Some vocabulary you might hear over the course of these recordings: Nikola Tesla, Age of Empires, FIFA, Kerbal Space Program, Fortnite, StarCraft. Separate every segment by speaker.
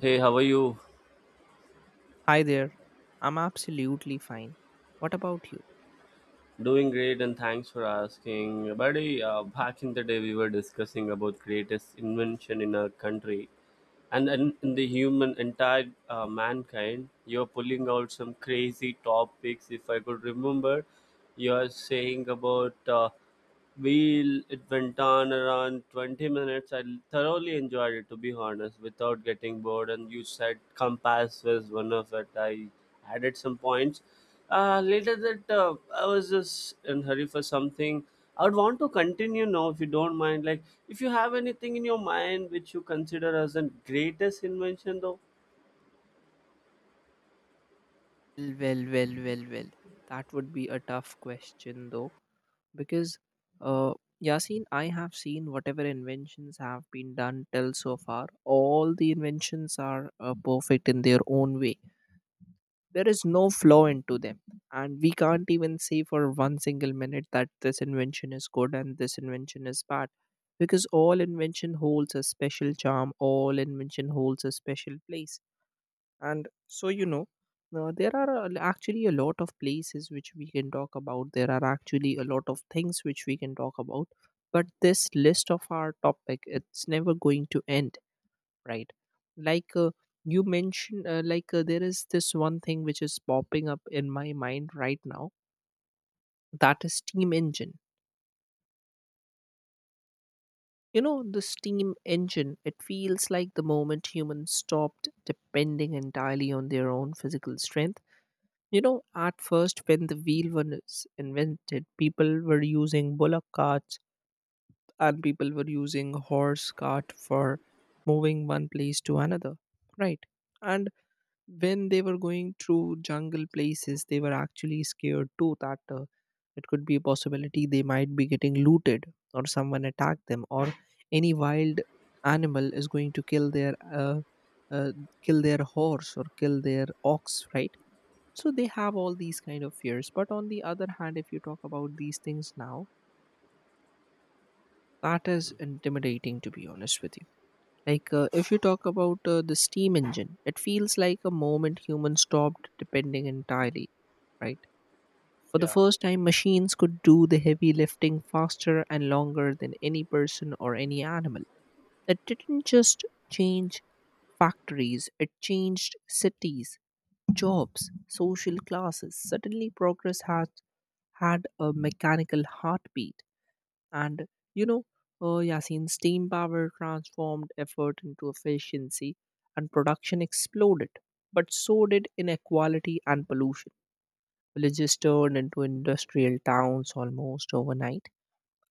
Speaker 1: Hey, how are you?
Speaker 2: Hi there. I'm absolutely fine. What about you?
Speaker 1: Doing great, and thanks for asking. Buddy, back in the day, we were discussing about greatest invention in our country, and
Speaker 2: Mm.
Speaker 1: in the human entire mankind, you're pulling out some crazy topics if I could remember. You're saying about wheel, it went on around 20 minutes. I thoroughly enjoyed it, to be honest, without getting bored, and you said compass was one of it. I added some points later that. I was just in hurry for something. I would want to continue now if you don't mind. Like, if you have anything in your mind which you consider as the greatest invention, though.
Speaker 2: Well, well, well, well, well. That would be a tough question, though. Because uh, yasin, I have seen whatever inventions have been done till so far. All the inventions are perfect in their own way. There is no flaw into them, and we can't even say for one single minute that this invention is good and this invention is bad, because all invention holds a special charm, all invention holds a special place. And so you know There are actually a lot of places which we can talk about. There are actually a lot of things which we can talk about, but this list of our topic, it's never going to end, right? like uh, you mentioned, there is this one thing which is popping up in my mind right now. That is steam engine. You know, the steam engine, it feels like the moment humans stopped depending entirely on their own physical strength. You know, at first, when the wheel was invented, people were using bullock carts, and people were using horse cart for moving one place to another, right? And when they were going through jungle places, they were actually scared too, that it could be a possibility they might be getting looted, or someone attack them, or any wild animal is going to uh, kill their horse or kill their ox, right? So they have all these kind of fears, but on the other hand, if you talk about these things now, that is intimidating, to be honest with you. If you talk about the steam engine, it feels like a moment humans stopped depending entirely, right? For the
Speaker 1: Yeah.
Speaker 2: first time, machines could do the heavy lifting faster and longer than any person or any animal. It didn't just change factories, it changed cities, jobs, social classes. Suddenly, progress has had a mechanical heartbeat. And you know, Yasin, steam power transformed effort into efficiency and production exploded. But so did inequality and pollution. Villages turned into industrial towns almost overnight.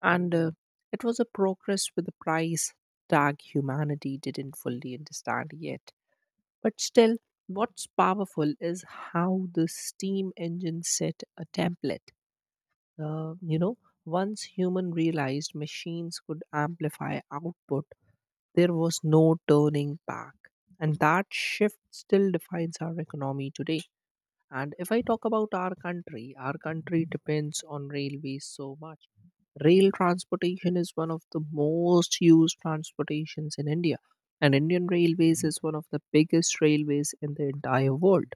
Speaker 2: And It was a progress with a price tag humanity didn't fully understand yet. But still, what's powerful is how the steam engine set a template. Uh, you know, Once human realized machines could amplify output, there was no turning back. And that shift still defines our economy today. And if I talk about our country depends on railways so much. Rail transportation is one of the most used transportations in India, and Indian Railways is one of the biggest railways in the entire world.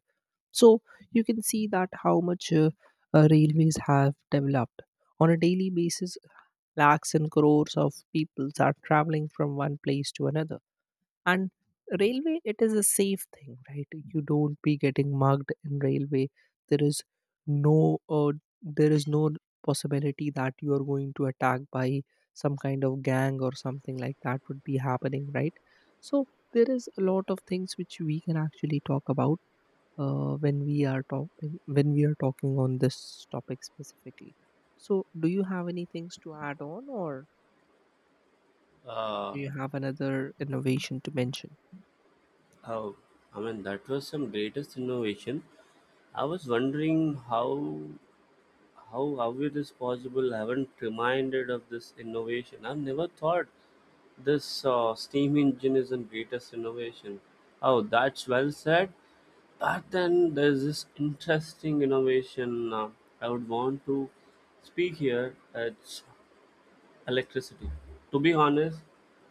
Speaker 2: So you can see that how much railways have developed on a daily basis. Lakhs and crores of people are traveling from one place to another, and railway, it is a safe thing, right? You don't be getting mugged in railway. there is no uh, there is no possibility that you are going to attack by some kind of gang or something like that would be happening, right? So there is a lot of things which we can actually talk about when we are talking on this topic specifically. So do you have any things to add on, or
Speaker 1: Uh,
Speaker 2: do you have another innovation to mention?
Speaker 1: oh, I mean, that was some greatest innovation. I was wondering how. How it is possible? I haven't reminded of this innovation. I've never thought this steam engine is the greatest innovation. Oh, that's well said. But then there's this interesting innovation, I would want to speak here. It's electricity. To be honest,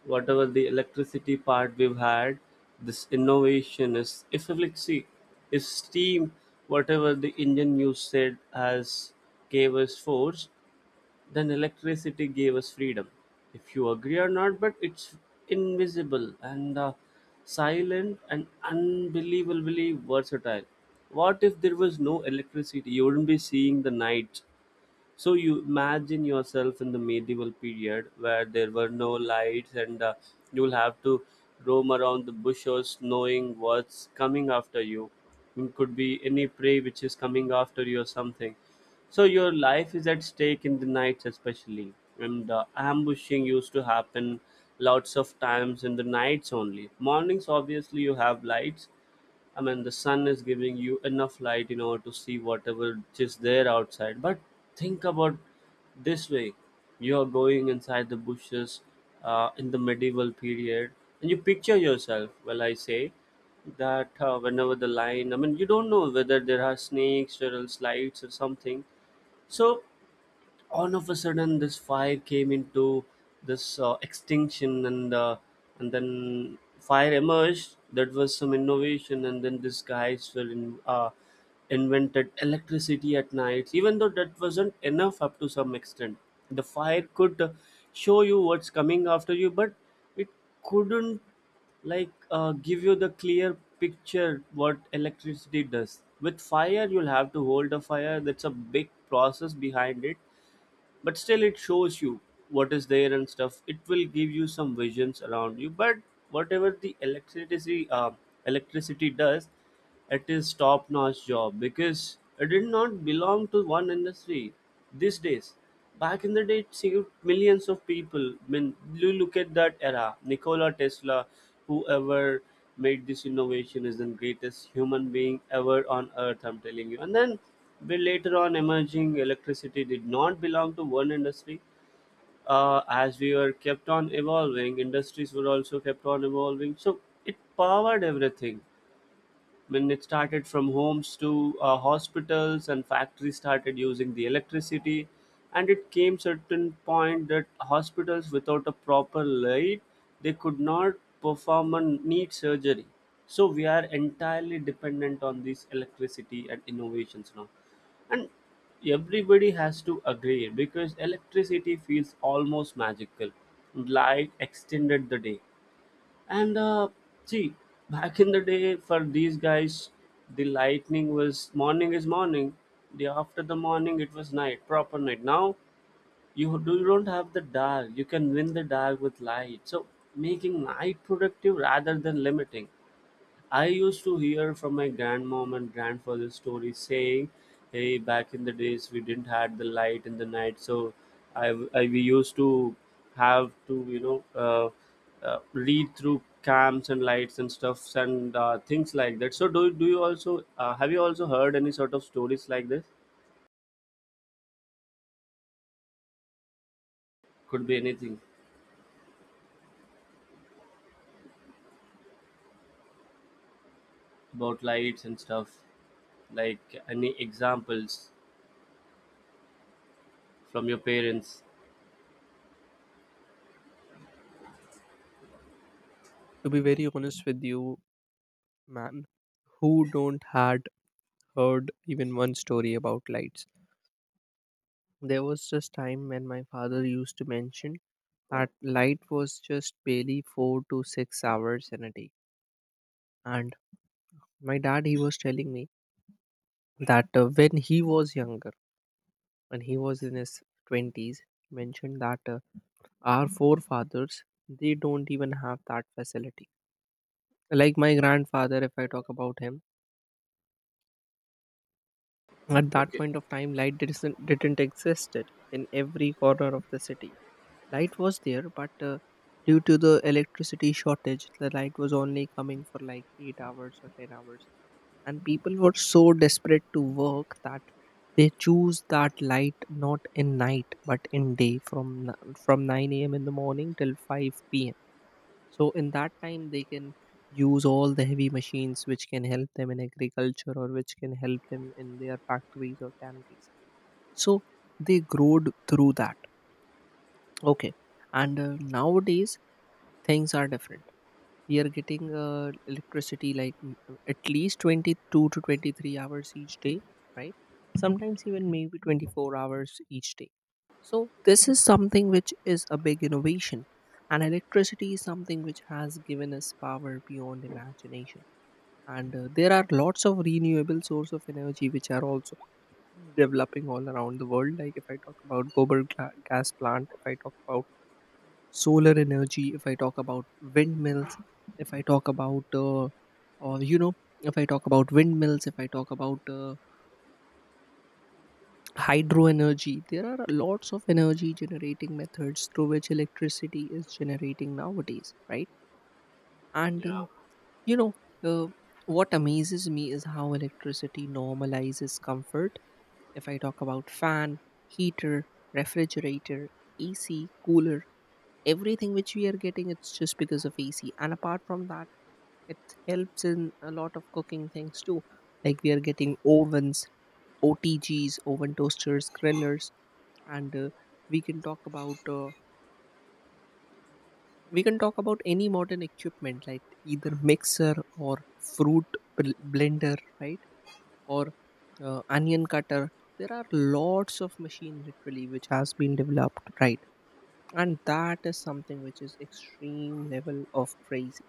Speaker 1: whatever the electricity part we've had, this innovation is, if we see, if steam, whatever the engine you said has gave us force, then electricity gave us freedom. If you agree or not, but it's invisible and silent and unbelievably versatile. What if there was no electricity? You wouldn't be seeing the night. So you imagine yourself in the medieval period where there were no lights and you'll have to roam around the bushes knowing what's coming after you. It could be any prey which is coming after you or something. So your life is at stake in the nights, especially, and ambushing used to happen lots of times in the nights only. Mornings, obviously, you have lights, I mean, the sun is giving you enough light in order to see whatever is there outside. But think about this way: you are going inside the bushes in the medieval period, and you picture yourself. Well, I say that whenever the lion, I mean, you don't know whether there are snakes or else lights or something. So all of a sudden this fire came into this extinction, and and then fire emerged. That was some innovation. And then these guys were in, invented electricity at night, even though that wasn't enough. Up to some extent, the fire could show you what's coming after you, but it couldn't, like, give you the clear picture. What electricity does with fire, you'll have to hold a fire. That's a big process behind it. But still, it shows you what is there and stuff. It will give you some visions around you. But whatever the electricity does, it is top notch job because it did not belong to one industry these days. Back in the day, it saved millions of people. When you look at that era, Nikola Tesla, whoever made this innovation is the greatest human being ever on earth, I'm telling you. And then we, later on, emerging electricity did not belong to one industry. As we were kept on evolving, industries were also kept on evolving. So it powered everything when it started from homes to hospitals and factories started using the electricity. And it came certain point that hospitals without a proper light, they could not perform a neat surgery. So we are entirely dependent on this electricity and innovations now. And everybody has to agree because electricity feels almost magical. Light extended the day, and see, back in the day, for these guys, the lightning was morning is morning. The after the morning, it was night, proper night. Now you don't have the dark. You can win the dark with light. So making night productive rather than limiting. I used to hear from my grandmom and grandfather stories saying, "Hey, back in the days we didn't had the light in the night, so I we used to have to read through cams and lights and stuffs and things like that." So do do you also have you also heard any sort of stories like this? Could be anything about lights and stuff, like any examples from your parents.
Speaker 2: To be very honest with you, man, who don't had heard even one story about lights? There was this time when my father used to mention that light was just barely 4 to 6 hours in a day. And my dad, he was telling me that when he was younger, when he was in his 20s, mentioned that our forefathers, they don't even have that facility. Like my grandfather, if I talk about him, at that
Speaker 1: Okay.
Speaker 2: point of time, light didn't existed in every corner of the city. Light was there, but due to the electricity shortage, the light was only coming for like 8 hours or 10 hours. And people were so desperate to work that they choose that light not in night but in day, from 9 a.m. in the morning till 5 p.m. So in that time, they can use all the heavy machines which can help them in agriculture, or which can help them in their factories or tanneries. So they growed through that. Okay. and Nowadays things are different. We are getting electricity like, at least 22 to 23 hours each day, right? Sometimes even maybe 24 hours each day. So this is something which is a big innovation. And electricity is something which has given us power beyond imagination. And There are lots of renewable source of energy which are also developing all around the world. Like if I talk about global gas plant, if I talk about solar energy, if I talk about windmills, if I talk about or you know, if I talk about windmills, if I talk about hydro energy, there are lots of energy generating methods through which electricity is generating nowadays, right? And uh,
Speaker 1: Yeah.
Speaker 2: you know, uh, what amazes me is how electricity normalizes comfort. If I talk about fan, heater, refrigerator, AC, cooler, everything which we are getting, it's just because of AC. And apart from that, it helps in a lot of cooking things too. Like we are getting ovens, OTGs, oven toasters, grillers, and we can talk about any modern equipment like either mixer or fruit blender, right? Or onion cutter. There are lots of machine literally which has been developed, right? And that is something which is extreme level of crazy.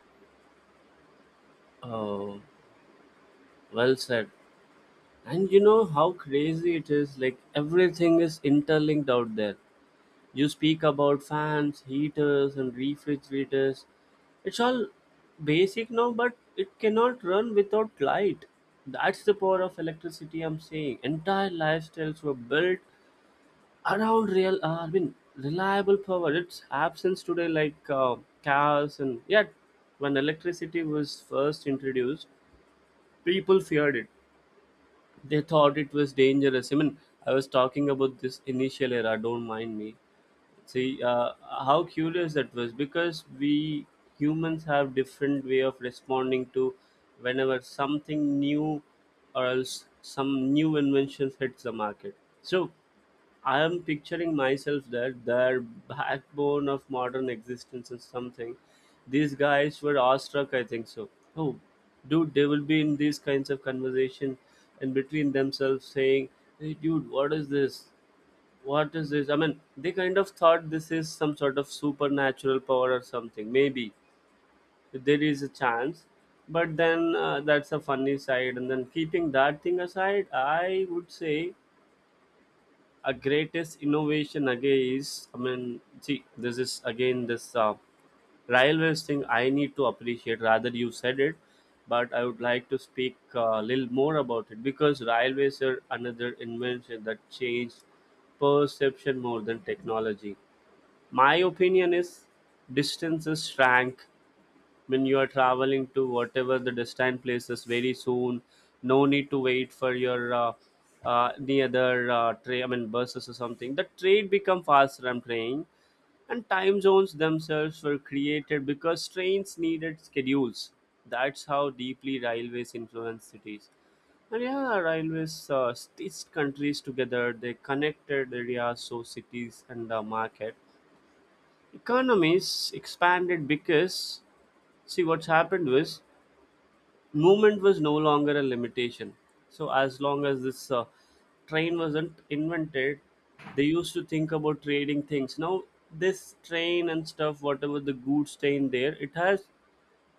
Speaker 1: Oh, well said. And you know how crazy it is? Like everything is interlinked out there. You speak about fans, heaters, and refrigerators. It's all basic now, but it cannot run without light. That's the power of electricity, I'm saying. Entire lifestyles were built around real, I mean, reliable power. Its absence today, like, cars, and yet, when electricity was first introduced, people feared it. They thought it was dangerous. I mean, I was talking about this initial era. Don't mind me. See, how curious that was, because we humans have different way of responding to whenever something new or else some new inventions hits the market. So I am picturing myself that their backbone of modern existence is something. These guys were awestruck, I think so. Oh, dude, they will be in these kinds of conversation and between themselves saying, "Hey, dude, what is this? What is this?" I mean, they kind of thought this is some sort of supernatural power or something. Maybe there is a chance, but then that's a funny side. And then keeping that thing aside, I would say a greatest innovation again is, I mean, see, this is again this railways thing, I need to appreciate rather you said it, but I would like to speak a little more about it because railways are another invention that changed perception more than technology. My opinion is distances shrank when you are traveling to whatever the distant places very soon. No need to wait for your the other train, I mean buses or something. The train become faster, I'm praying. And time zones themselves were created because trains needed schedules. That's how deeply railways influence cities. And yeah, railways stitched countries together. They connected areas, so cities and the market. Economies expanded because, see, what's happened was movement was no longer a limitation. So as long as this train wasn't invented, they used to think about trading things. Now this train and stuff, whatever the goods train there, it has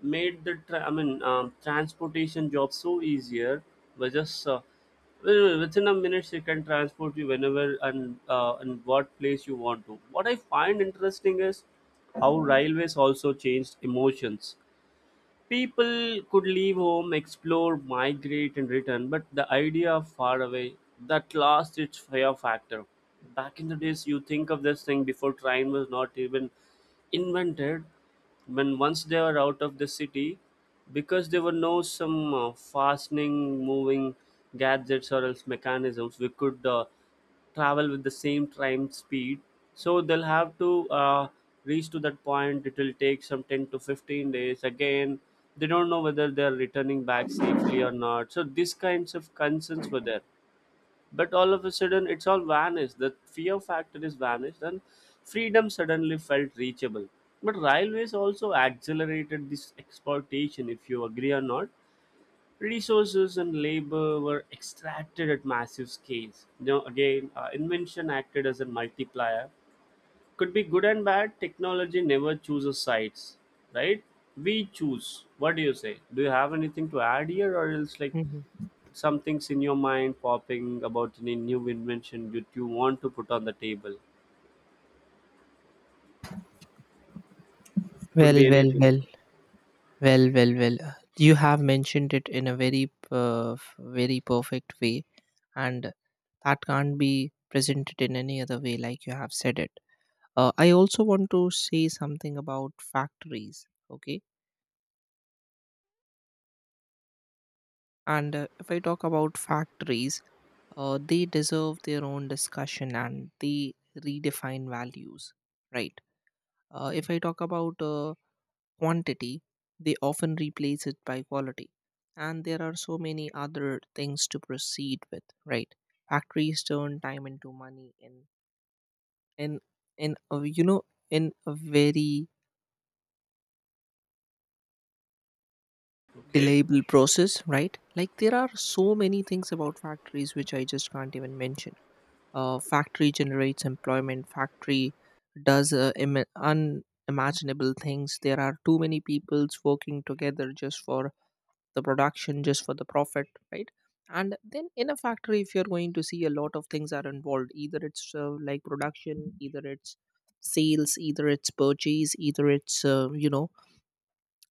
Speaker 1: made the I mean, transportation job so easier by just, well, within a minute they can transport you whenever and and what place you want to. What I find interesting is how railways also changed emotions. People could leave home, explore, migrate, and return, but the idea of far away, that lost its fear factor. Back in the days, you think of this thing before train was not even invented. When once they were out of the city, because there were no some fastening, moving gadgets or else mechanisms, we could travel with the same time speed. So they'll have to reach to that point. It will take some 10 to 15 days. Again, they don't know whether they're returning back safely or not, so these kinds of concerns were there. But all of a sudden it's all vanished. The fear factor is vanished and freedom suddenly felt reachable. But railways also accelerated this exploitation, if you agree or not. Resources and labor were extracted at massive scales. You know, again, invention acted as a multiplier. Could be good and bad. Technology never chooses sides, right? We choose. What do you say? Do you have anything to add here, or else like
Speaker 2: Mhm.
Speaker 1: some things in your mind popping about any new invention that you want to put on the table? Could
Speaker 2: Well,
Speaker 1: be
Speaker 2: well,
Speaker 1: anything.
Speaker 2: well, well, well, well. You have mentioned it in a very, very perfect way, and that can't be presented in any other way, like you have said it. I also want to say something about factories. Okay. And If I talk about factories, they deserve their own discussion and they redefine values, right? If I talk about quantity, they often replace it by quality. And there are so many other things to proceed with, right? Factories turn time into money in in a, you know, in a very
Speaker 1: Okay.
Speaker 2: delayable process, right? Like there are so many things about factories which I just can't even mention. Factory generates employment. Factory does unimaginable things. There are too many peoples working together just for the production, just for the profit, right? And then in a factory, if you're going to see, a lot of things are involved, either it's like production, either it's sales, either it's purchase, either it's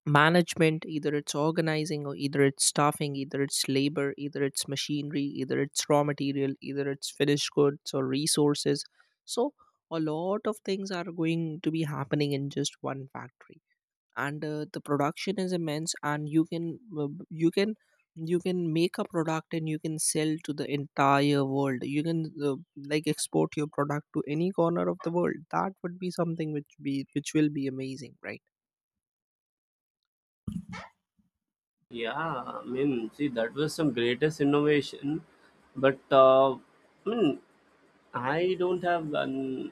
Speaker 2: management, either it's organizing, or either it's staffing, either it's labor, either it's machinery, either it's raw material, either it's finished goods or resources. So a lot of things are going to be happening in just one factory. And The production is immense, and you can make a product and you can sell to the entire world. You can Like export your product to any corner of the world. That would be something which be which will be amazing, right?
Speaker 1: Yeah, I mean, see, that was some greatest innovation, but I mean, I don't have an,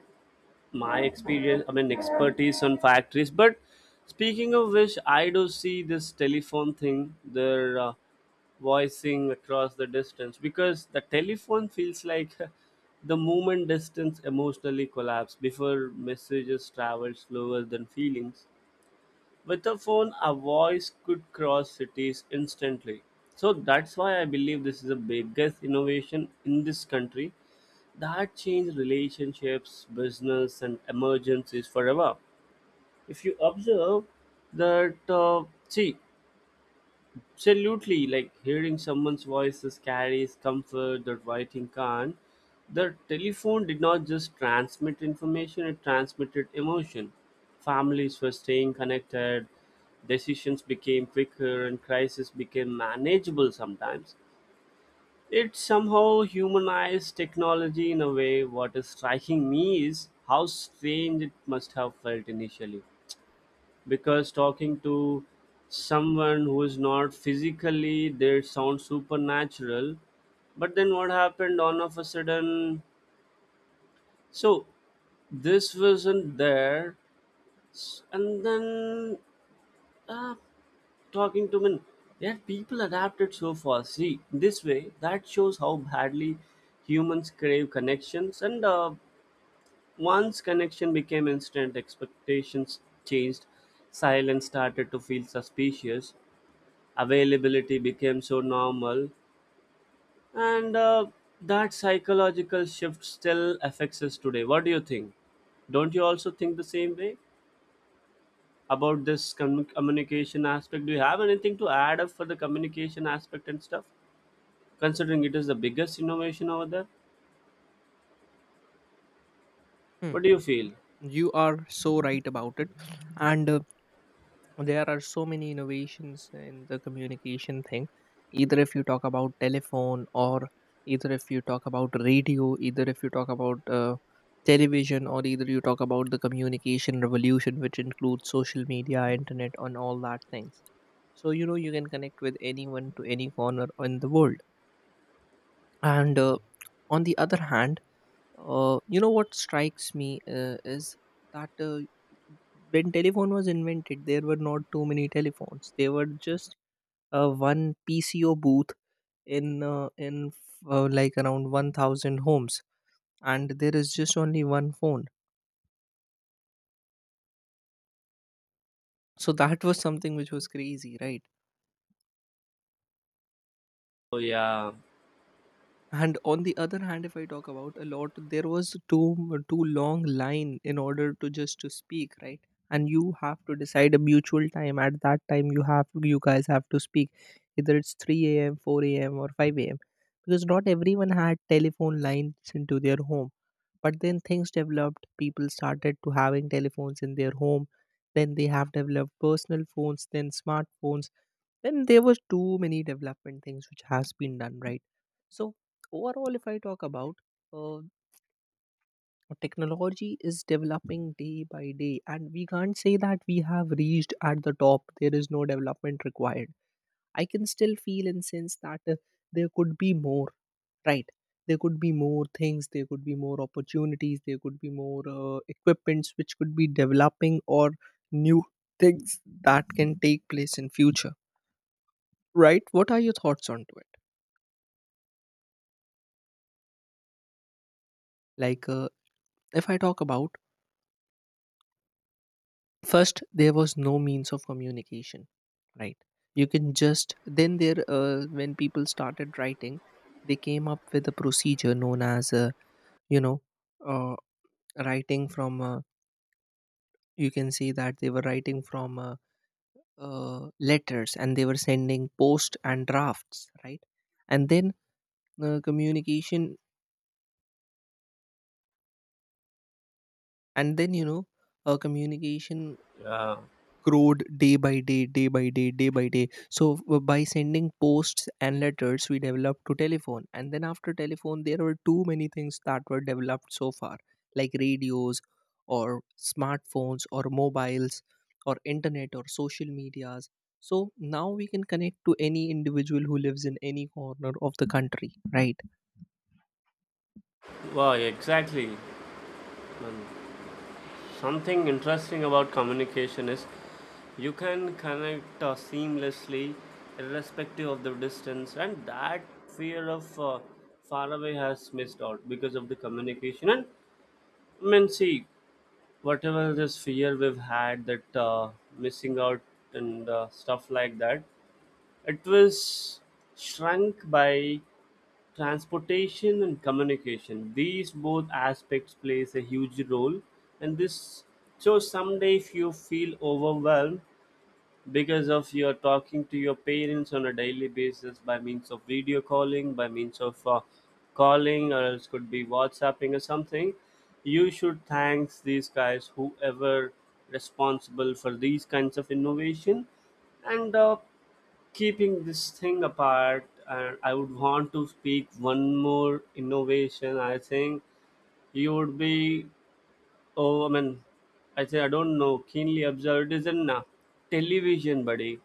Speaker 1: my experience, I mean, expertise on factories, but speaking of which, I do see this telephone thing, they're voicing across the distance because the telephone feels like the moment distance emotionally collapse before messages travel slower than feelings. With a phone, a voice could cross cities instantly. So that's why I believe this is the biggest innovation in this country that changed relationships, business, and emergencies forever. If you observe that, see, absolutely, like hearing someone's voices carries comfort that writing can't. The telephone did not just transmit information, it transmitted emotion. Families were staying connected, decisions became quicker, and crisis became manageable. Sometimes it somehow humanized technology in a way. What is striking me is how strange it must have felt initially. Because talking to someone who is not physically there sounds supernatural. But then what happened all of a sudden? So this wasn't there. And then. Uh, talking to men yet people adapted so fast, see, this way that shows how badly humans crave connections. And once connection became instant, expectations changed, silence started to feel suspicious, availability became so normal, and that psychological shift still affects us today. What do you think? Don't you also think the same way about this communication aspect? Do you have anything to add up for the communication aspect and stuff, considering it is the biggest innovation over there? What do you feel?
Speaker 2: You are so right about it. And There are so many innovations in the communication thing. Either if you talk about telephone, or either if you talk about radio, either if you talk about television, or either you talk about the communication revolution, which includes social media, internet, and all that things. So, you know, you can connect with anyone to any corner in the world. And On the other hand, you know what strikes me is that. When telephone was invented, there were not too many telephones. There were just one pco booth in like around 1000 homes, and there is just only one phone. So that was something which was crazy, right?
Speaker 1: Oh yeah,
Speaker 2: And on the other hand, if I talk about a lot, there was too long line in order to just to speak, right? And you have to decide a mutual time at that time you have, you guys have to speak, either it's 3 a.m, 4 a.m, or 5 a.m, because not everyone had telephone lines into their home. But then things developed, people started to having telephones in their home, then they have developed personal phones, then smartphones. Then there was too many development things which has been done, right? So overall, if I talk about, uh, technology is developing day by day, and we can't say that we have reached at the top, there is no development required. I can still feel and sense that, there could be more, right? There could be more things, there could be more opportunities, there could be more equipments which could be developing, or new things that can take place in future, right? What are your thoughts on to it? Like, if I talk about first, there was no means of communication, right? You can just then there when people started writing, they came up with a procedure known as you know uh, writing from. You can see that they were writing from letters, and they were sending post and drafts, right? And then communication, and then communication
Speaker 1: yeah.
Speaker 2: growed day by day, day by day, day by day. So by sending posts and letters, we developed to telephone, and then after telephone, there were too many things that were developed so far, like radios, or smartphones, or mobiles, or internet, or social medias. So now we can connect to any individual who lives in any corner of the country, right?
Speaker 1: Wow, exactly. Um, something interesting about communication is you can connect seamlessly, irrespective of the distance, and that fear of far away has missed out because of the communication. And I mean, see, whatever this fear we've had that missing out and stuff like that, it was shrunk by transportation and communication. These both aspects plays a huge role, and this, so someday if you feel overwhelmed because of you're talking to your parents on a daily basis by means of video calling, by means of calling, or else could be whatsapping or something, you should thanks these guys whoever responsible for these kinds of innovation. And keeping this thing apart, and I would want to speak one more innovation, I think you would be, oh, I mean, I say I don't know, keenly observed is in television, buddy.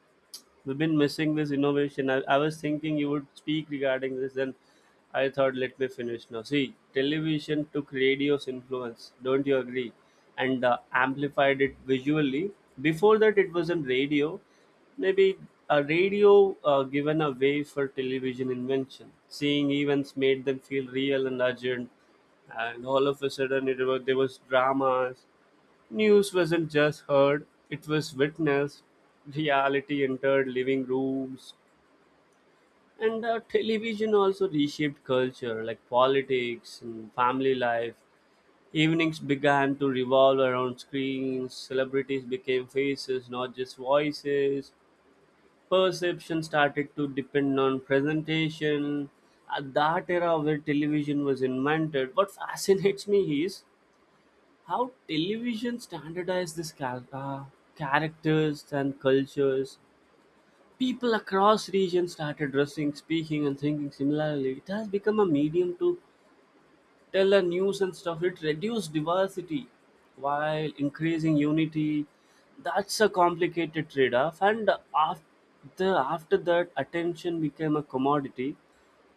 Speaker 1: We've been missing this innovation. I was thinking you would speak regarding this, then I thought let me finish now. See, television took radio's influence, don't you agree? And amplified it visually. Before that, it was on radio. Maybe a radio given a way for television invention. Seeing events made them feel real and urgent, and all of a sudden it was there was dramas. News wasn't just heard, it was witnessed. Reality entered living rooms. And television also reshaped culture, like politics and family life. Evenings began to revolve around screens, celebrities became faces, not just voices. Perception started to depend on presentation. At that era where television was invented, what fascinates me is how television standardized this characters and cultures. People across regions started dressing, speaking and thinking similarly. It has become a medium to tell a news and stuff. It reduced diversity while increasing unity. That's a complicated trade-off, and after that, attention became a commodity.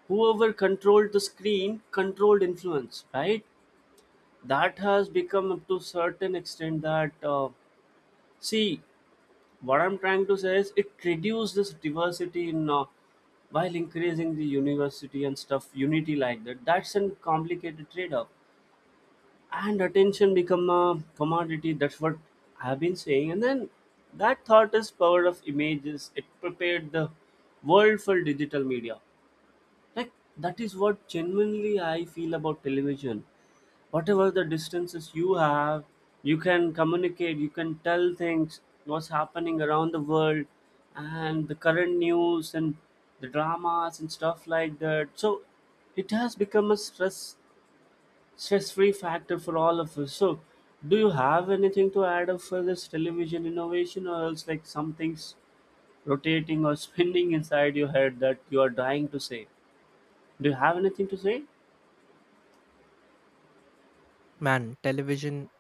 Speaker 1: Whoever controlled the screen controlled influence, right? That has become up to certain extent that see, what I'm trying to say is it reduces this diversity in while increasing the university and stuff unity like that. That's a complicated trade-off, and attention become a commodity. That's what I've been saying. And then that thought is power of images. It prepared the world for digital media. Like, that is what genuinely I feel about television. Whatever the distances you have, you can communicate, you can tell things, what's happening around the world and the current news and the dramas and stuff like that. So it has become a stress free factor for all of us. So do you have anything to add up for this television innovation, or else like something's rotating or spinning inside your head that you are dying to say? Do you have anything to say?
Speaker 2: Man, television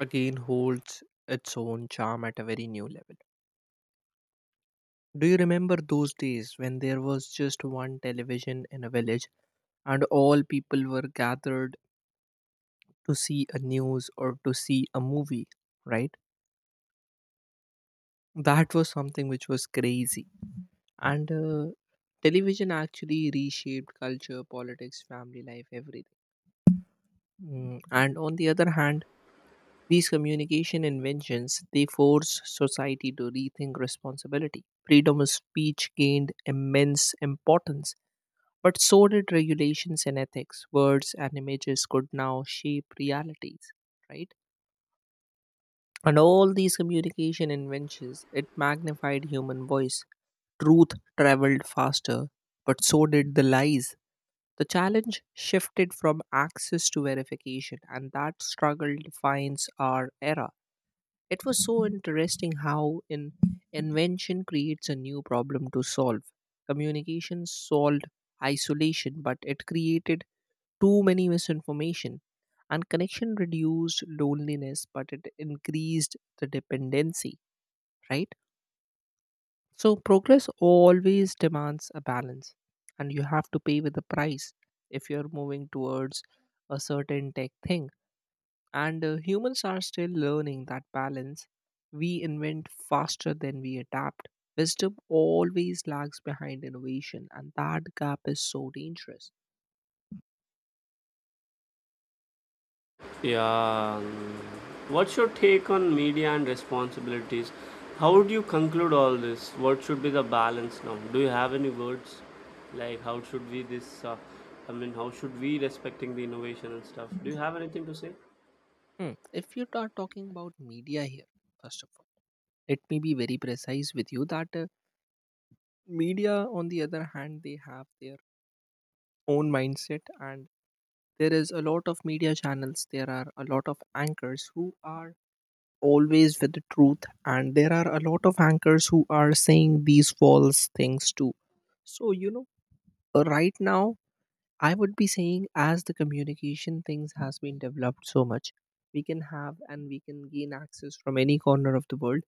Speaker 2: again holds its own charm at a very new level. Do you remember those days when there was just one television in a village and all people were gathered to see a news or to see a movie, right? That was something which was crazy. And television actually reshaped culture, politics, family life, everything. Mm. And on the other hand, these communication inventions, they force society to rethink responsibility. Freedom of speech gained immense importance, but so did regulations and ethics. Words and images could now shape realities, right? And all these communication inventions, it magnified human voice. Truth traveled faster, but so did the lies. The challenge shifted from access to verification, and that struggle defines our era. It was so interesting how in invention creates a new problem to solve. Communication solved isolation, but it created too many misinformation, and connection reduced loneliness, but it increased the dependency, right? So progress always demands a balance, and you have to pay with the price if you're moving towards a certain tech thing. And humans are still learning that balance. We invent faster than we adapt. Wisdom always lags behind innovation, and that gap is so dangerous.
Speaker 1: Yeah. Mm. What's your take on media and responsibilities? How would you conclude all this? What should be the balance now? Do you have any words? Like how should we this? I mean, how should we respecting the innovation and stuff? Do you have anything to say?
Speaker 2: Hmm. If you are talking about media here, first of all, let me be very precise with you that, media, on the other hand, they have their own mindset. And there is a lot of media channels, there are a lot of anchors who are always with the truth, and there are a lot of anchors who are saying these false things too. So you know, right now, I would be saying, as the communication things has been developed so much, we can have and we can gain access from any corner of the world.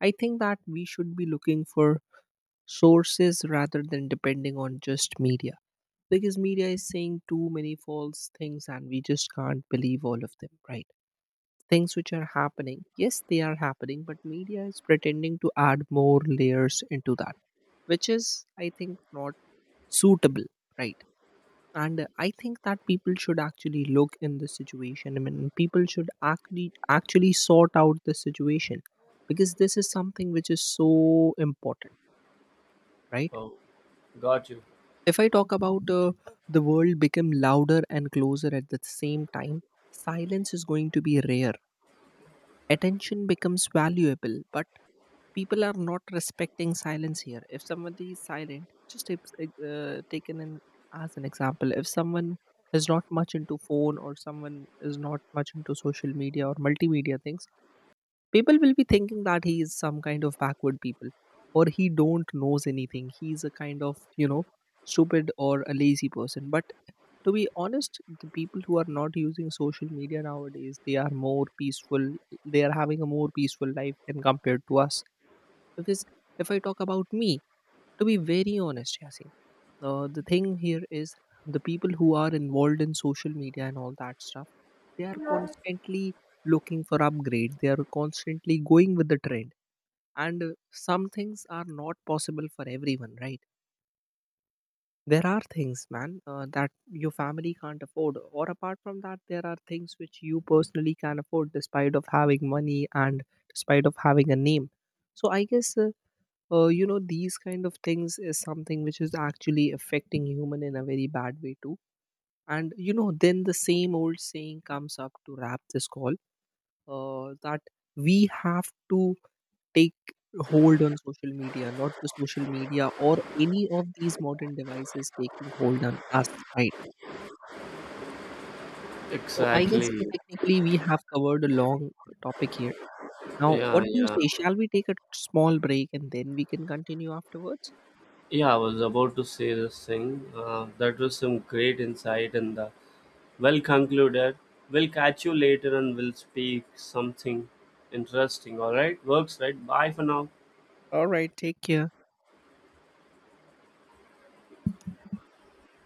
Speaker 2: I think that we should be looking for sources rather than depending on just media, because media is saying too many false things and we just can't believe all of them, right? Things which are happening, yes they are happening, but media is pretending to add more layers into that, which is I think not suitable, right? And I think that people should actually look in the situation. I mean, people should actually sort out the situation, because this is something which is so important, right?
Speaker 1: Oh, got you.
Speaker 2: If I talk about the world become louder and closer at the same time, silence is going to be rare. Attention becomes valuable, but people are not respecting silence here. If somebody is silent, just taken in as an example, if someone is not much into phone, or someone is not much into social media or multimedia things, people will be thinking that he is some kind of backward people, or he don't knows anything, he's a kind of, you know, stupid or a lazy person. But to be honest, the people who are not using social media nowadays, they are more peaceful, they are having a more peaceful life than compared to us. Because, if I talk about me, to be very honest, Yasin, the thing here is, the people who are involved in social media and all that stuff, they are constantly looking for upgrade, they are constantly going with the trend. And some things are not possible for everyone, right? There are things, man, that your family can't afford, or apart from that, there are things which you personally can afford despite of having money and despite of having a name. So I guess, you know, these kind of things is something which is actually affecting human in a very bad way too. And you know, then the same old saying comes up to wrap this call, that we have to take hold on social media, not the social media or any of these modern devices taking hold on us, right? So I guess,
Speaker 1: Exactly.
Speaker 2: technically we have covered a long topic here. Now
Speaker 1: Yeah,
Speaker 2: what do you
Speaker 1: yeah,
Speaker 2: say, shall we take a small break and then we can continue afterwards?
Speaker 1: yeah. I was about to say this thing. That was some great insight in the, well concluded. We'll catch you later and we'll speak something interesting. All right? Works, right? Bye for now.
Speaker 2: All right, take care.